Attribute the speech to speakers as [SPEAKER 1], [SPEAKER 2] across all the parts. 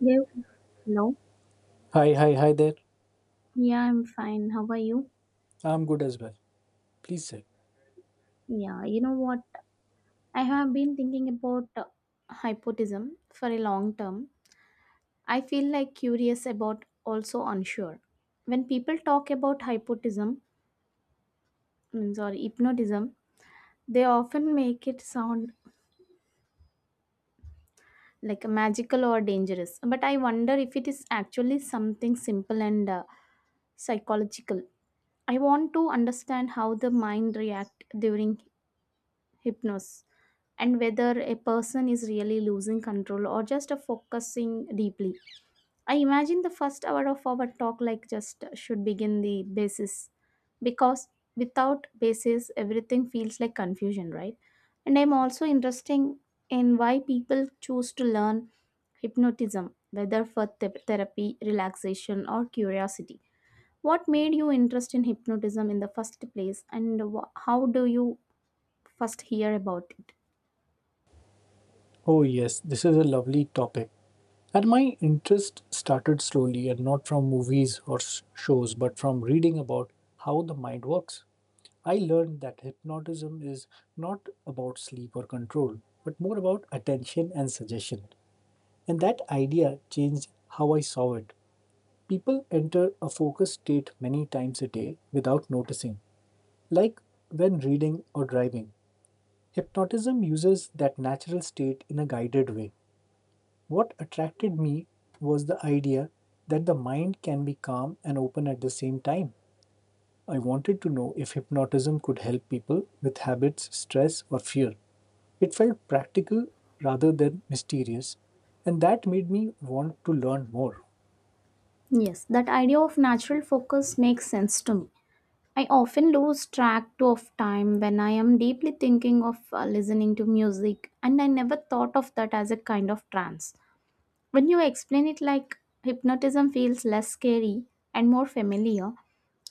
[SPEAKER 1] Yeah. Hello.
[SPEAKER 2] Hi there.
[SPEAKER 1] Yeah, I'm fine. How are you?
[SPEAKER 2] I'm good as well. Please sit.
[SPEAKER 1] Yeah, you know what? I have been thinking about hypotism for a long term. I feel like curious about also unsure. When people talk about hypnotism, means or hypnotism, they often make it sound like magical or dangerous. But I wonder if it is actually something simple and psychological. I want to understand how the mind react during hypnosis and whether a person is really losing control or just a focusing deeply. I imagine the first hour of our talk like just should begin the basis because without basis everything feels like confusion, right? And I'm also interesting in why people choose to learn hypnotism, whether for therapy, relaxation or curiosity. What made you interested in hypnotism in the first place and how do you first hear about it?
[SPEAKER 2] Oh, yes, this is a lovely topic. And my interest started slowly and not from movies or shows, but from reading about how the mind works. I learned that hypnotism is not about sleep or control, but more about attention and suggestion. And that idea changed how I saw it. People enter a focused state many times a day without noticing, like when reading or driving. Hypnotism uses that natural state in a guided way. What attracted me was the idea that the mind can be calm and open at the same time. I wanted to know if hypnotism could help people with habits, stress, or fear. It felt practical rather than mysterious, and that made me want to learn more.
[SPEAKER 1] Yes, that idea of natural focus makes sense to me. I often lose track of time when I am deeply thinking of listening to music, and I never thought of that as a kind of trance. When you explain it like hypnotism feels less scary and more familiar,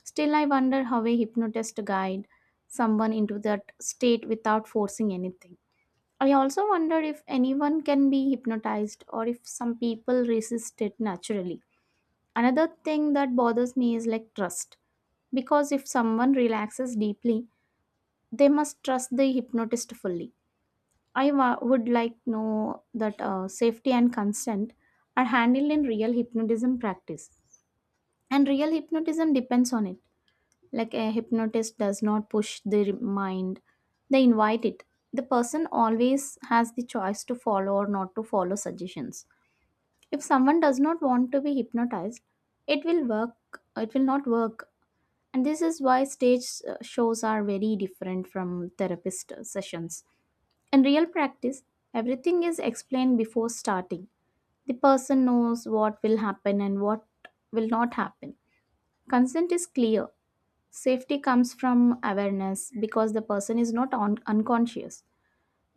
[SPEAKER 1] still I wonder how a hypnotist guide someone into that state without forcing anything. I also wonder if anyone can be hypnotized or if some people resist it naturally. Another thing that bothers me is like trust. Because if someone relaxes deeply, they must trust the hypnotist fully. Would like know that safety and consent are handled in real hypnotism practice. And real hypnotism depends on it. Like a hypnotist does not push the mind, they invite it. The person always has the choice to follow or not to follow suggestions. If someone does not want to be hypnotized, it will work it will not work. And this is why stage shows are very different from therapist sessions. In real practice, everything is explained before starting. The person knows what will happen and what will not happen. Consent is clear. Safety comes from awareness because the person is not unconscious.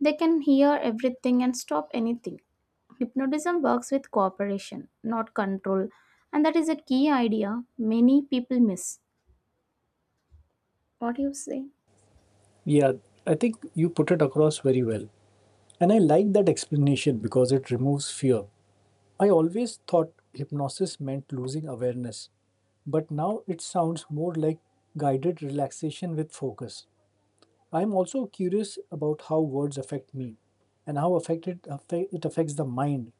[SPEAKER 1] They can hear everything and stop anything. Hypnotism works with cooperation, not control, and that is a key idea many people miss. What do you say?
[SPEAKER 2] Yeah, I think you put it across very well. And I like that explanation because it removes fear. I always thought hypnosis meant losing awareness, but now it sounds more like guided relaxation with focus. I'm also curious about how words affect me and how affected it affects the mind.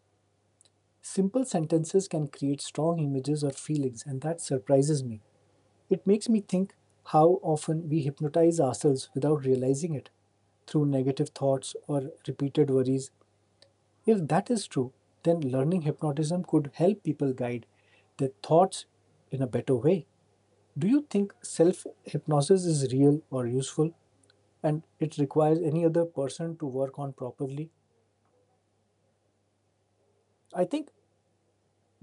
[SPEAKER 2] Simple sentences can create strong images or feelings, and that surprises me. It makes me think how often we hypnotize ourselves without realizing it through negative thoughts or repeated worries. If that is true, then learning hypnotism could help people guide their thoughts in a better way. Do you think self hypnosis is real or useful and it requires any other person to work on properly? I think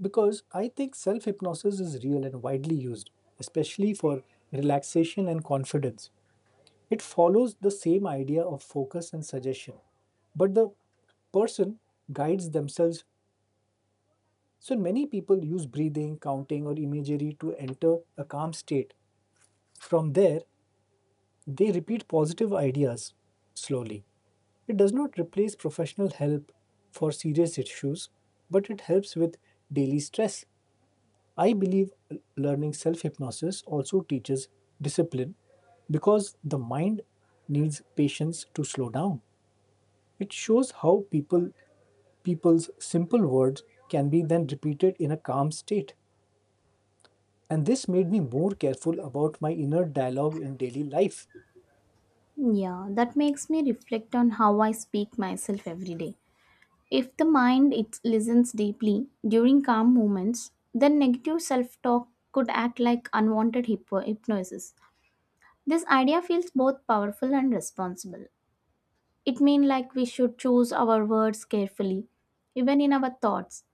[SPEAKER 2] I think self hypnosis is real and widely used, especially for relaxation and confidence. It follows the same idea of focus and suggestion, but the person guides themselves. So many people use breathing, counting, or imagery to enter a calm state. From there, they repeat positive ideas slowly. It does not replace professional help for serious issues, but it helps with daily stress. I believe learning self hypnosis also teaches discipline because the mind needs patience to slow down. It shows how people's simple words can be then repeated in a calm state. And this made me more careful about my inner dialogue in daily life.
[SPEAKER 1] Yeah, that makes me reflect on how I speak myself every day. If the mind it listens deeply during calm moments, then negative self-talk could act like unwanted hypnosis. This idea feels both powerful and responsible. It means like we should choose our words carefully, even in our thoughts.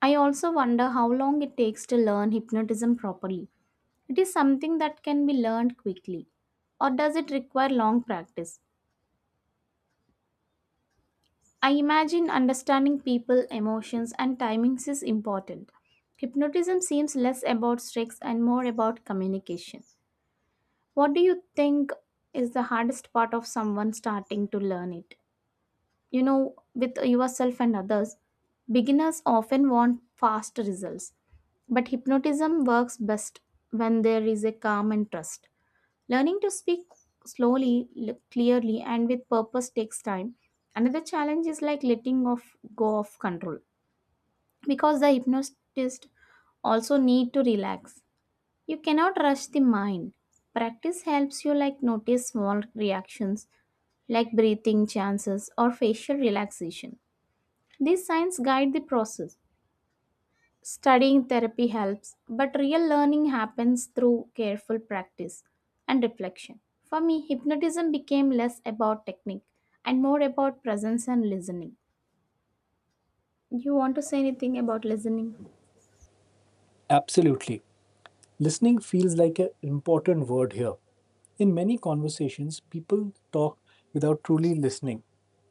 [SPEAKER 1] I also wonder how long it takes to learn hypnotism properly. It is something that can be learned quickly, or does it require long practice? I imagine understanding people, emotions, and timings is important. Hypnotism seems less about tricks and more about communication. What do you think is the hardest part of someone starting to learn it? You know, with yourself and others, beginners often want fast results, but hypnotism works best when there is a calm and trust. Learning to speak slowly, clearly, and with purpose takes time. Another challenge is like letting off go of control because the hypnotist also need to relax. You cannot rush the mind. Practice helps you like notice small reactions like breathing chances or facial relaxation. These signs guide the process. Studying therapy helps, but real learning happens through careful practice and reflection. For me, hypnotism became less about technique and more about presence and listening. You want to say anything about listening?
[SPEAKER 2] Absolutely. Listening feels like an important word here. In many conversations, people talk without truly listening,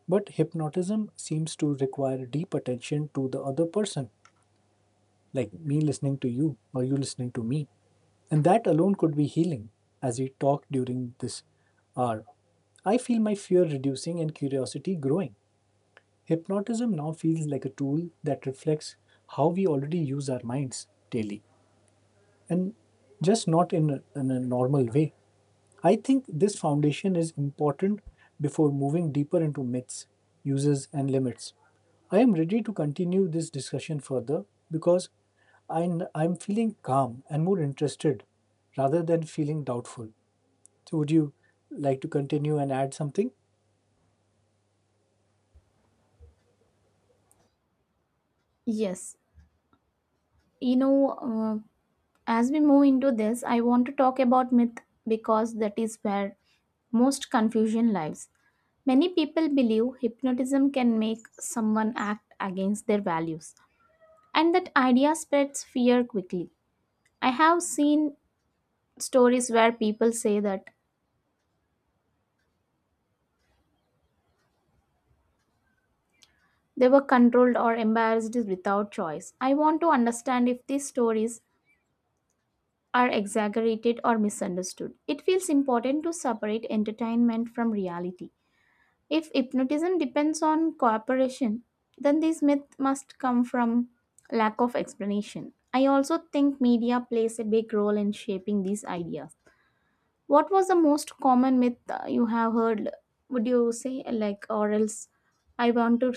[SPEAKER 2] but hypnotism seems to require deep attention to the other person, like me listening to you or you listening to me. And that alone could be healing as we talk during this hour. I feel my fear reducing and curiosity growing. Hypnotism now feels like a tool that reflects how we already use our minds daily and just not in a, in a normal way. I think this foundation is important before moving deeper into myths, uses, and limits. I am ready to continue this discussion further because I am feeling calm and more interested rather than feeling doubtful. So, would you like to continue and add something?
[SPEAKER 1] Yes. You know, uh, as we move into this, I want to talk about myth because that is where most confusion lies. Many people believe hypnotism can make someone act against their values, and that idea spreads fear quickly. I have seen stories where people say that they were controlled or embarrassed without choice. I want to understand if these stories are exaggerated or misunderstood. It feels important to separate entertainment from reality. If hypnotism depends on cooperation, then this myth must come from lack of explanation. I also think media plays a big role in shaping these ideas. What was the most common myth you have heard? Would you say like, or else I want to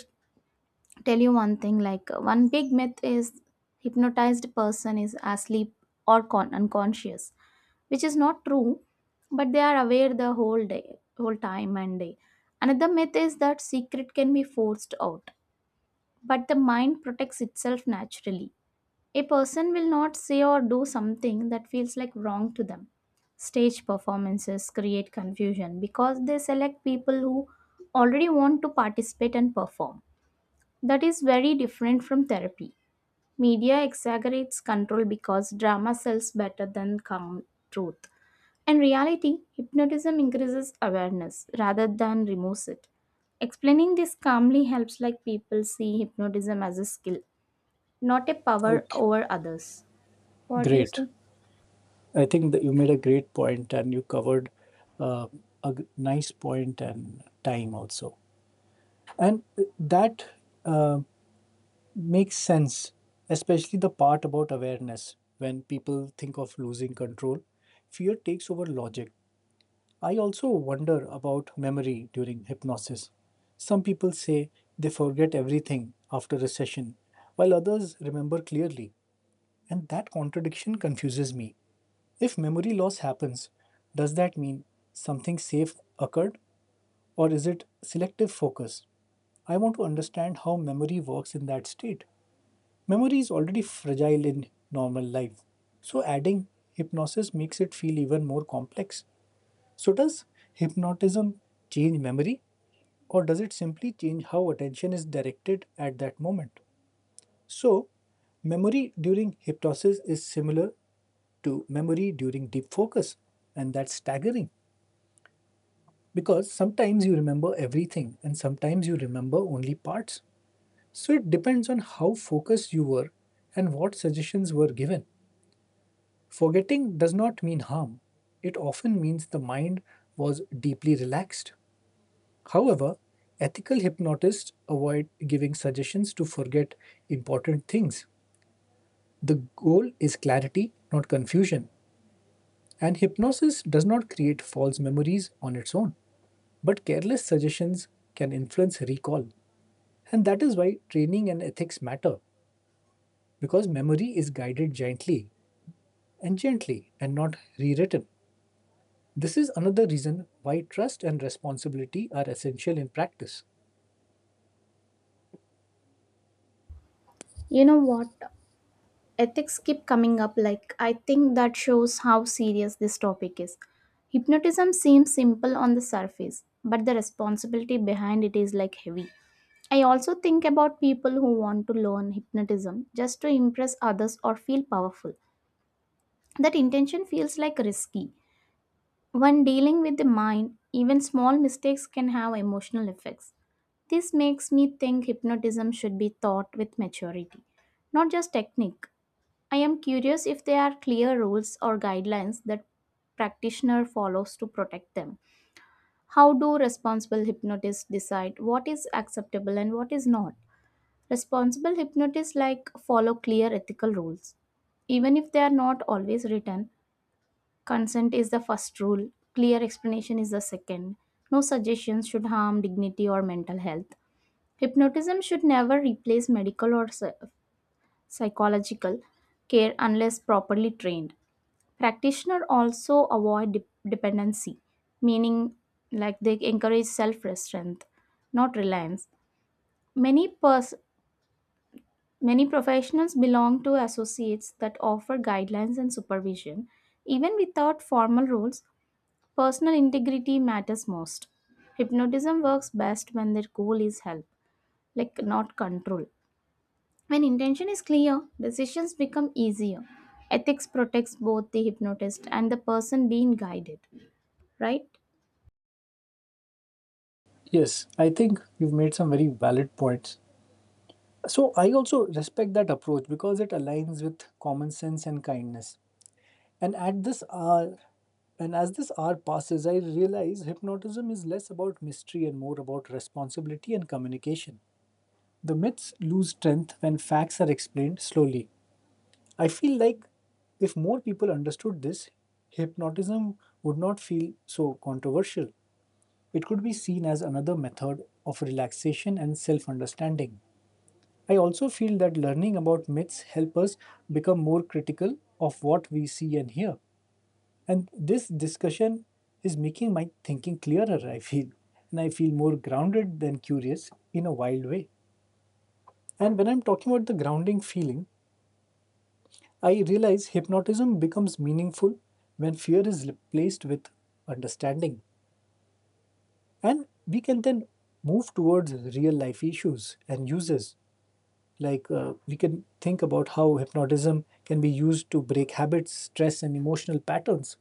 [SPEAKER 1] tell you one thing. Like, one big myth is hypnotized person is asleep or unconscious, which is not true, but they are aware the whole day, whole time and day. Another myth is that secret can be forced out, but the mind protects itself naturally. A person will not say or do something that feels like wrong to them. Stage performances create confusion because they select people who already want to participate and perform. That is very different from therapy. Media exaggerates control because drama sells better than calm truth. In reality, hypnotism increases awareness rather than removes it. Explaining this calmly helps like people see hypnotism as a skill, not a power
[SPEAKER 2] Okay,
[SPEAKER 1] over others. What you
[SPEAKER 2] great.
[SPEAKER 1] say?
[SPEAKER 2] I think that you made a great point and you covered uh, a nice point and time also. And that uh, makes sense, especially the part about awareness. When people think of losing control, fear takes over logic. I also wonder about memory during hypnosis. Some people say they forget everything after a session, while others remember clearly, and that contradiction confuses me. If memory loss happens, does that mean something safe occurred, or is it selective focus? I want to understand how memory works in that state. Memory is already fragile in normal life, so adding hypnosis makes it feel even more complex. So, does hypnotism change memory, or does it simply change how attention is directed at that moment? So, memory during hypnosis is similar to memory during deep focus, and that's staggering because sometimes you remember everything and sometimes you remember only parts. So, it depends on how focused you were and what suggestions were given. Forgetting does not mean harm, it often means the mind was deeply relaxed. However, ethical hypnotists avoid giving suggestions to forget important things. The goal is clarity, not confusion, and hypnosis does not create false memories on its own. But careless suggestions can influence recall, and that is why training and ethics matter because memory is guided gently and not rewritten. This is another reason why trust and responsibility are essential in practice.
[SPEAKER 1] You know what? Ethics keep coming up. Like, I think that shows how serious this topic is. Hypnotism seems simple on the surface, but the responsibility behind it is like heavy. I also think about people who want to learn hypnotism just to impress others or feel powerful. That intention feels like risky. When dealing with the mind, even small mistakes can have emotional effects. This makes me think hypnotism should be taught with maturity, not just technique. I am curious if there are clear rules or guidelines that practitioner follows to protect them. How do responsible hypnotists decide what is acceptable and what is not? Responsible hypnotists like follow clear ethical rules even if they are not always written. Consent is the first rule, clear explanation is the second. No suggestions should harm dignity or mental health. Hypnotism should never replace medical or psychological care unless properly trained. Practitioner also avoid dependency, meaning like they encourage self-restraint, not reliance. Many pers- Many professionals belong to associates that offer guidelines and supervision even without formal rules. Personal integrity matters most. Hypnotism works best when their goal is help, like not control. When intention is clear, decisions become easier. Ethics protects both the hypnotist and the person being guided, right?
[SPEAKER 2] Yes, I think you've made some very valid points. So I also respect that approach because it aligns with common sense and kindness. And at this hour, and as this hour passes, I realize hypnotism is less about mystery and more about responsibility and communication. The myths lose strength when facts are explained slowly. I feel like if more people understood this, hypnotism would not feel so controversial. It could be seen as another method of relaxation and self understanding. I also feel that learning about myths help us become more critical of what we see and hear. And this discussion is making my thinking clearer, I feel. And I feel more grounded than curious in a wild way. And when I'm talking about the grounding feeling, I realize hypnotism becomes meaningful when fear is replaced with understanding. And we can then move towards real life issues and uses. Like we can think about how hypnotism can be used to break habits, stress, and emotional patterns.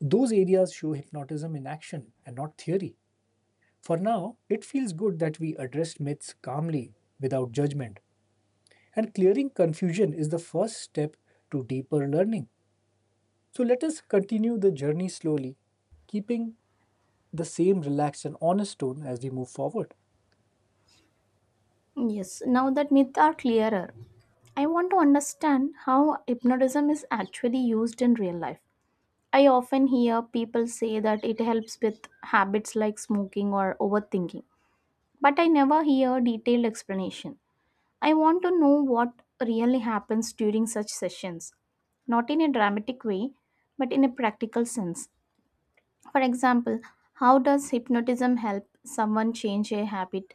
[SPEAKER 2] Those areas show hypnotism in action and not theory. For now, it feels good that we addressed myths calmly without judgment. And clearing confusion is the first step to deeper learning. So let us continue the journey slowly, keeping the same relaxed and honest tone as we move forward.
[SPEAKER 1] Yes, now that myths are clearer, I want to understand how hypnotism is actually used in real life. I often hear people say that it helps with habits like smoking or overthinking, but I never hear detailed explanation. I want to know what really happens during such sessions, not in a dramatic way, but in a practical sense. For example, how does hypnotism help someone change a habit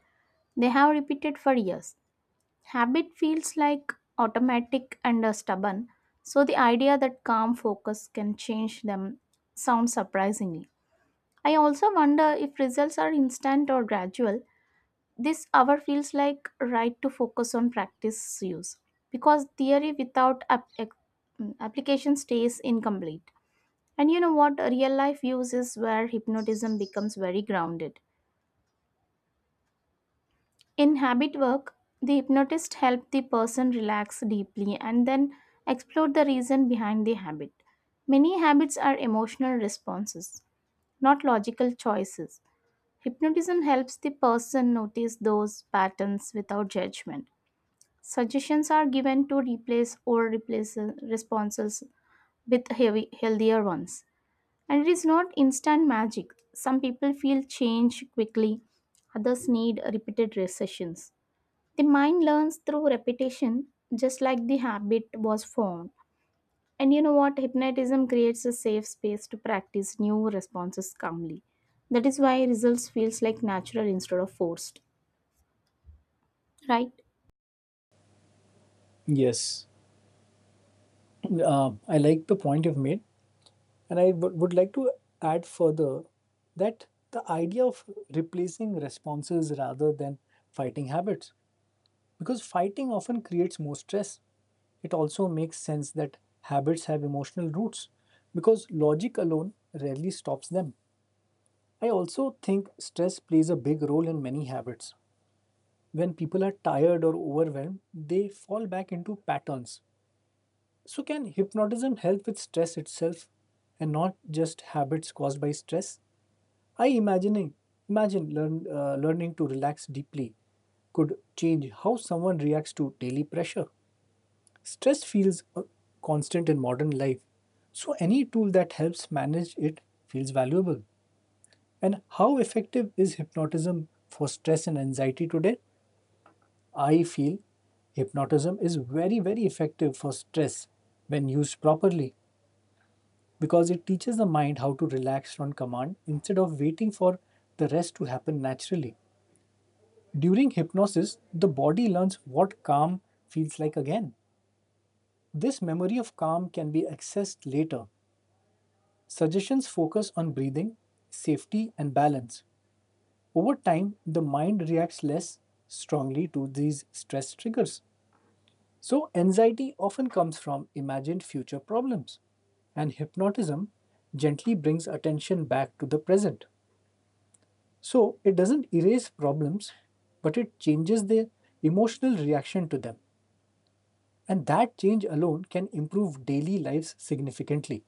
[SPEAKER 1] they have repeated for years? Habit feels like automatic and stubborn, so the idea that calm focus can change them sounds surprisingly. I also wonder if results are instant or gradual. This hour feels like right to focus on practice use because theory without application stays incomplete. And you know what? Real life use is where hypnotism becomes very grounded. In habit work, the hypnotist helps the person relax deeply and then explore the reason behind the habit. Many habits are emotional responses, not logical choices. Hypnotism helps the person notice those patterns without judgment. Suggestions are given to replace old replace responses with heavy, healthier ones. And it is not instant magic. Some people feel change quickly, others need repeated sessions. The mind learns through repetition, just like the habit was formed. And you know what? Hypnotism creates a safe space to practice new responses calmly. That is why results feels like natural instead of forced, right?
[SPEAKER 2] Yes, I like the point you've made, and I would like to add further that the idea of replacing responses rather than fighting habits, because fighting often creates more stress. It also makes sense that habits have emotional roots, because logic alone rarely stops them. I also think stress plays a big role in many habits. When people are tired or overwhelmed, they fall back into patterns. So, can hypnotism help with stress itself and not just habits caused by stress? I imagining imagine learn, learning to relax deeply could change how someone reacts to daily pressure. Stress feels constant in modern life, so any tool that helps manage it feels valuable. And how effective is hypnotism for stress and anxiety today? I feel hypnotism is very, very effective for stress when used properly because it teaches the mind how to relax on command instead of waiting for the rest to happen naturally. During hypnosis, the body learns what calm feels like again. This memory of calm can be accessed later. Suggestions focus on breathing, safety, and balance. Over time, the mind reacts less strongly to these stress triggers. So, anxiety often comes from imagined future problems, and hypnotism gently brings attention back to the present. So, it doesn't erase problems, but it changes their emotional reaction to them. And that change alone can improve daily lives significantly.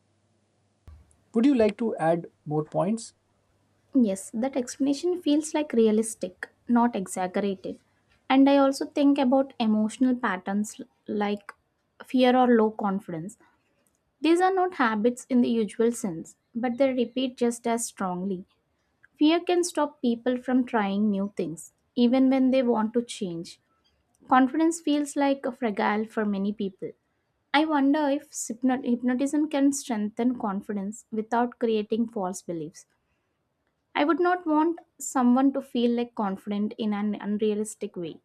[SPEAKER 2] Would you like to add more points?
[SPEAKER 1] Yes, that explanation feels like realistic, not exaggerated. And I also think about emotional patterns like fear or low confidence. These are not habits in the usual sense, but they repeat just as strongly. Fear can stop people from trying new things, even when they want to change. Confidence feels like a fragile for many people. I wonder if hypnotism can strengthen confidence without creating false beliefs. I would not want someone to feel like confident in an unrealistic way.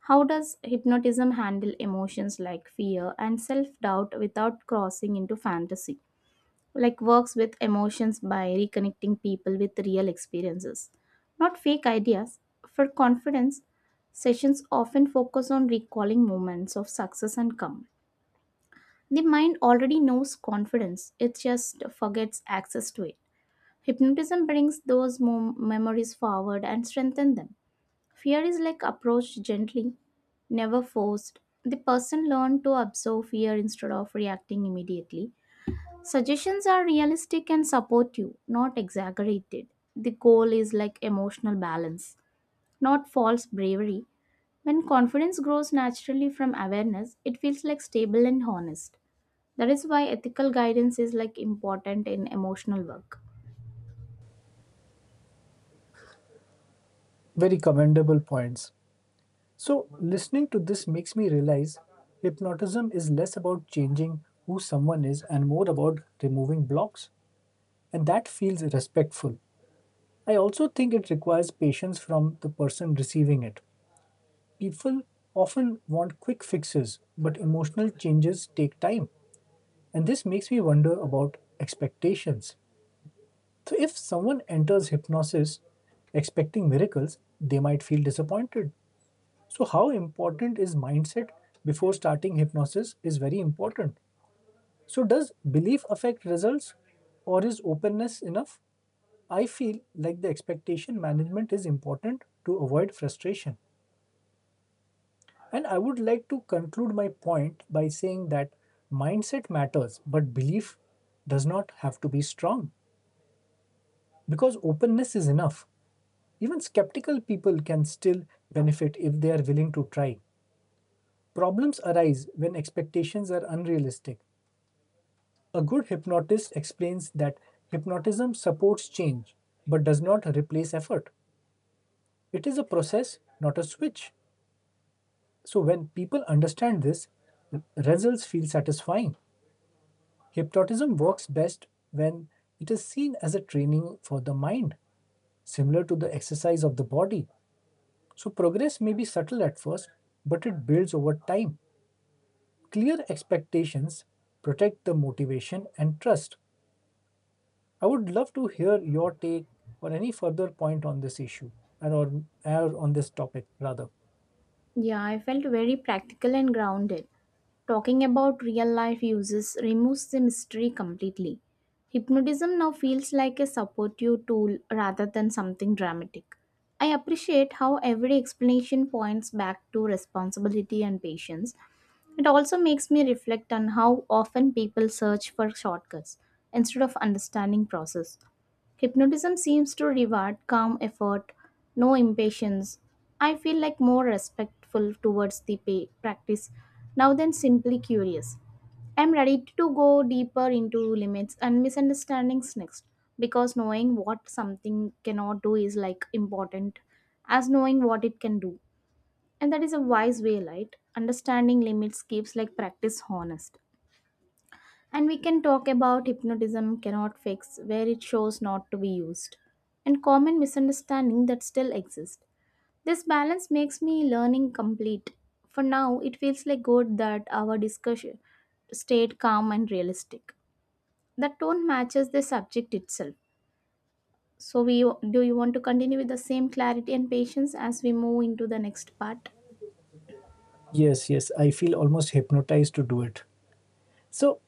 [SPEAKER 1] How does hypnotism handle emotions like fear and self doubt without crossing into fantasy? Like works with emotions by reconnecting people with real experiences, not fake ideas. For confidence, sessions often focus on recalling moments of success and calm. The mind already knows confidence, it just forgets access to it. Hypnotism brings those memories forward and strengthens them. Fear is like approached gently, never forced. The person learns to absorb fear instead of reacting immediately. Suggestions are realistic and supportive, not exaggerated. The goal is like emotional balance, not false bravery. When confidence grows naturally from awareness, it feels like stable and honest. That is why ethical guidance is like important in emotional work.
[SPEAKER 2] Very commendable points. So, listening to this makes me realize hypnotism is less about changing who someone is and more about removing blocks. And that feels respectful. I also think it requires patience from the person receiving it. People often want quick fixes, but emotional changes take time, and this makes me wonder about expectations. So, if someone enters hypnosis expecting miracles, they might feel disappointed. So, how important is mindset before starting hypnosis is very important. So, does belief affect results, or is openness enough? I feel like the expectation management is important to avoid frustration. And I would like to conclude my point by saying that mindset matters, but belief does not have to be strong because openness is enough. Even skeptical people can still benefit if they are willing to try. Problems arise when expectations are unrealistic. A good hypnotist explains that hypnotism supports change but does not replace effort. It is a process, not a switch. So when people understand this, results feel satisfying. Hypnotism works best when it is seen as a training for the mind, similar to the exercise of the body. So progress may be subtle at first, but it builds over time. Clear expectations protect the motivation and trust. I would love to hear your take or any further point on this issue or on this topic rather.
[SPEAKER 1] Yeah, I felt very practical and grounded. Talking about real life uses removes the mystery completely. Hypnotism now feels like a supportive tool rather than something dramatic. I appreciate how every explanation points back to responsibility and patience. It also makes me reflect on how often people search for shortcuts instead of understanding process. Hypnotism seems to reward calm effort, no impatience. I feel like more respectful towards the practice now than simply curious. I'm ready to go deeper into limits and misunderstandings next because knowing what something cannot do is like important as knowing what it can do. And that is a wise way, right? Understanding limits keeps like practice honest. And we can talk about hypnotism cannot fix, where it shows not to be used, and common misunderstanding that still exist. This balance makes me learning complete. For now, it feels like good that our discussion stayed calm and realistic. The tone matches the subject itself. So we Do you want to continue with the same clarity and patience as we move into the next part?
[SPEAKER 2] Yes, yes, I feel almost hypnotized to do it. So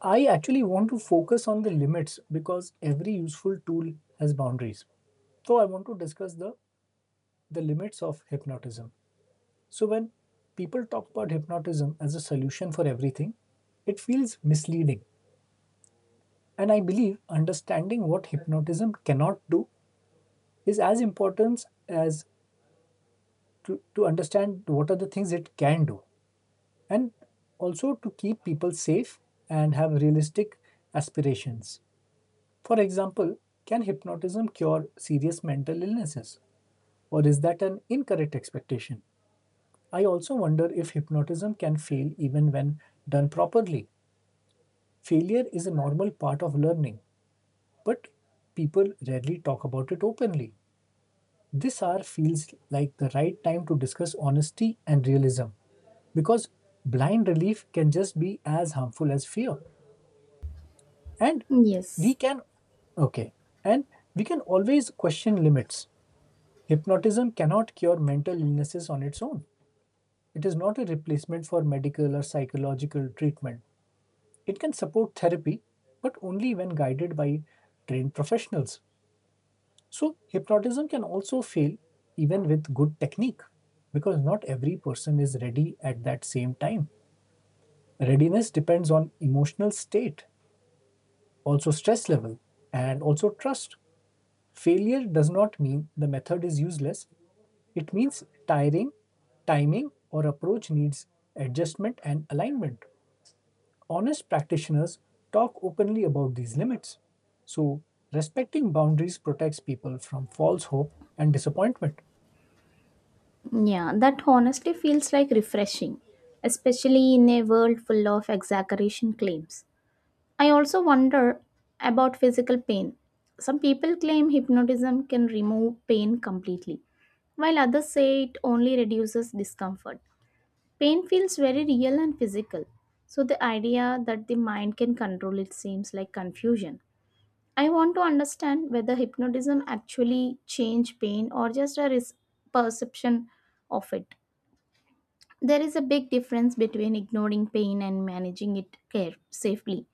[SPEAKER 2] I actually want to focus on the limits because every useful tool has boundaries. So I want to discuss the limits of hypnotism. So when people talk about hypnotism as a solution for everything, it feels misleading. And I believe understanding what hypnotism cannot do is as important as to understand what are the things it can do. And also to keep people safe and have realistic aspirations. For example, can hypnotism cure serious mental illnesses? Or is that an incorrect expectation? I also wonder if hypnotism can fail even when done properly. Failure is a normal part of learning, but people rarely talk about it openly. This hour feels like the right time to discuss honesty and realism because blind relief can just be as harmful as fear. And we
[SPEAKER 1] Yes.
[SPEAKER 2] can, okay, and we can always question limits. Hypnotism cannot cure mental illnesses on its own. It is not a replacement for medical or psychological treatment. It can support therapy, but only when guided by trained professionals. So, hypnotism can also fail even with good technique because not every person is ready at that same time. Readiness depends on emotional state, also stress level, and also trust. Failure does not mean the method is useless. It means timing, or approach needs adjustment and alignment. Honest practitioners talk openly about these limits. So, respecting boundaries protects people from false hope and disappointment.
[SPEAKER 1] Yeah, that honestly feels like refreshing, especially in a world full of exaggeration claims. I also wonder about physical pain. Some people claim hypnotism can remove pain completely, while others say it only reduces discomfort. Pain feels very real and physical, so the idea that the mind can control it seems like confusion. I want to understand whether hypnotism actually change pain or just a perception of it. There is a big difference between ignoring pain and managing it care safely.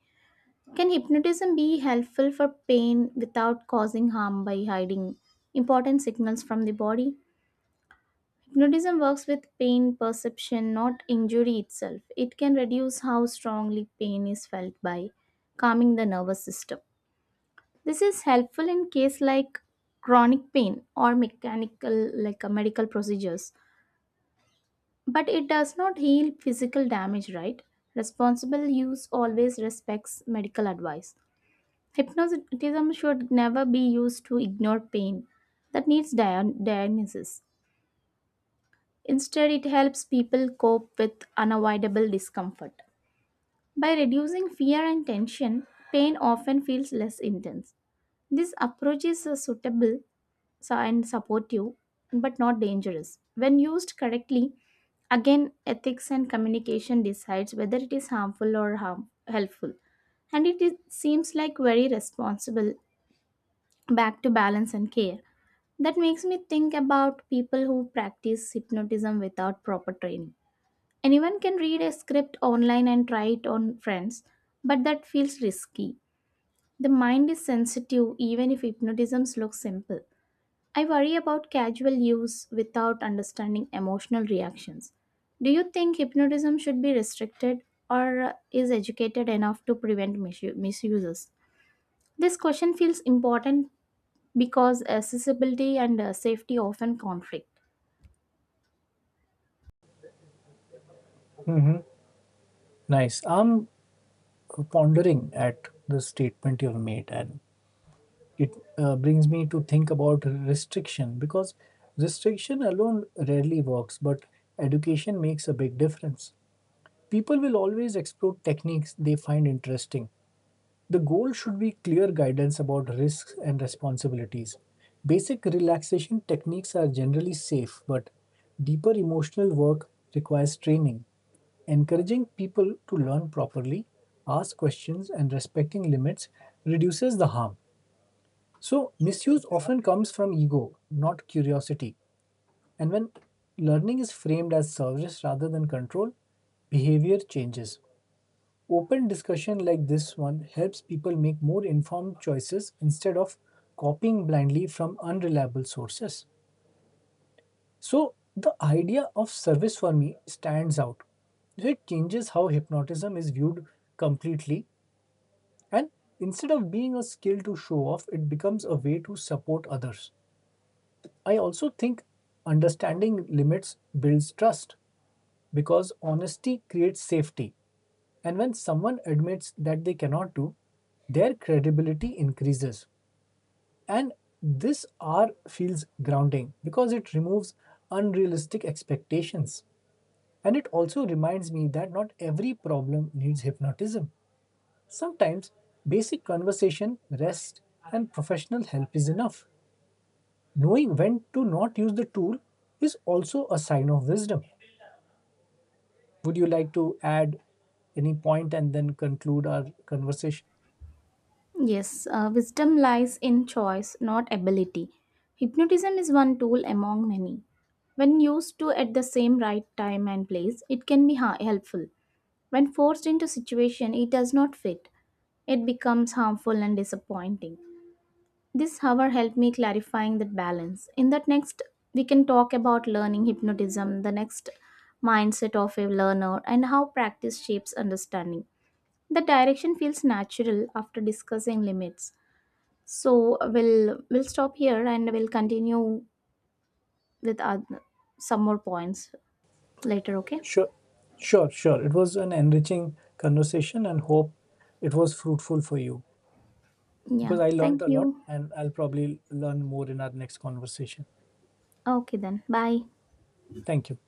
[SPEAKER 1] Can hypnotism be helpful for pain without causing harm by hiding important signals from the body? Hypnotism works with pain perception, not injury itself. It can reduce how strongly pain is felt by calming the nervous system. This is helpful in case like chronic pain or mechanical like medical procedures. But it does not heal physical damage, right? Responsible use always respects medical advice. Hypnotism should never be used to ignore pain that needs diagnosis. Instead, it helps people cope with unavoidable discomfort. By reducing fear and tension, pain often feels less intense. This approach is suitable so and support you, but not dangerous when used correctly. Again, ethics and communication decides whether it is harmful or helpful, and it is, seems like very responsible back to balance and care. That makes me think about people who practice hypnotism without proper training. Anyone can read a script online and try it on friends, but that feels risky. The mind is sensitive even if hypnotism looks simple. I worry about casual use without understanding emotional reactions. Do you think hypnotism should be restricted or is educated enough to prevent misuses? This question feels important because accessibility and safety often conflict.
[SPEAKER 2] Mhm. Nice. I'm pondering at the statement you've made, and it brings me to think about restriction because restriction alone rarely works, but education makes a big difference. People will always explore techniques they find interesting. The goal should be clear guidance about risks and responsibilities. Basic relaxation techniques are generally safe, but deeper emotional work requires training. Encouraging people to learn properly, ask questions, and respecting limits reduces the harm. So, misuse often comes from ego, not curiosity. And when learning is framed as service rather than control, behavior changes. Open discussion like this one helps people make more informed choices instead of copying blindly from unreliable sources. So, the idea of service for me stands out. It changes how hypnotism is viewed completely, and instead of being a skill to show off, it becomes a way to support others. I also think understanding limits builds trust because honesty creates safety. And when someone admits that they cannot do, their credibility increases. And this R feels grounding because it removes unrealistic expectations. And it also reminds me that not every problem needs hypnotism. Sometimes basic conversation, rest, and professional help is enough. Knowing when to not use the tool is also a sign of wisdom. Would you like to add any point and then conclude our conversation?
[SPEAKER 1] Yes, wisdom lies in choice, not ability. Hypnotism is one tool among many. When used to at the same right time and place, it can be helpful. When forced into situation it does not fit, it becomes harmful and disappointing. This however helped me clarifying that balance. In that next we can talk about learning hypnotism, the next mindset of a learner and how practice shapes understanding. The direction feels natural after discussing limits. So we'll stop here and we'll continue with some more points later, okay?
[SPEAKER 2] Sure, sure, sure. It was an enriching conversation and hope it was fruitful for you
[SPEAKER 1] Yeah.
[SPEAKER 2] because I learned
[SPEAKER 1] Thank
[SPEAKER 2] a lot
[SPEAKER 1] you.
[SPEAKER 2] and I'll probably learn more in our next conversation.
[SPEAKER 1] Okay then. Bye.
[SPEAKER 2] Thank you.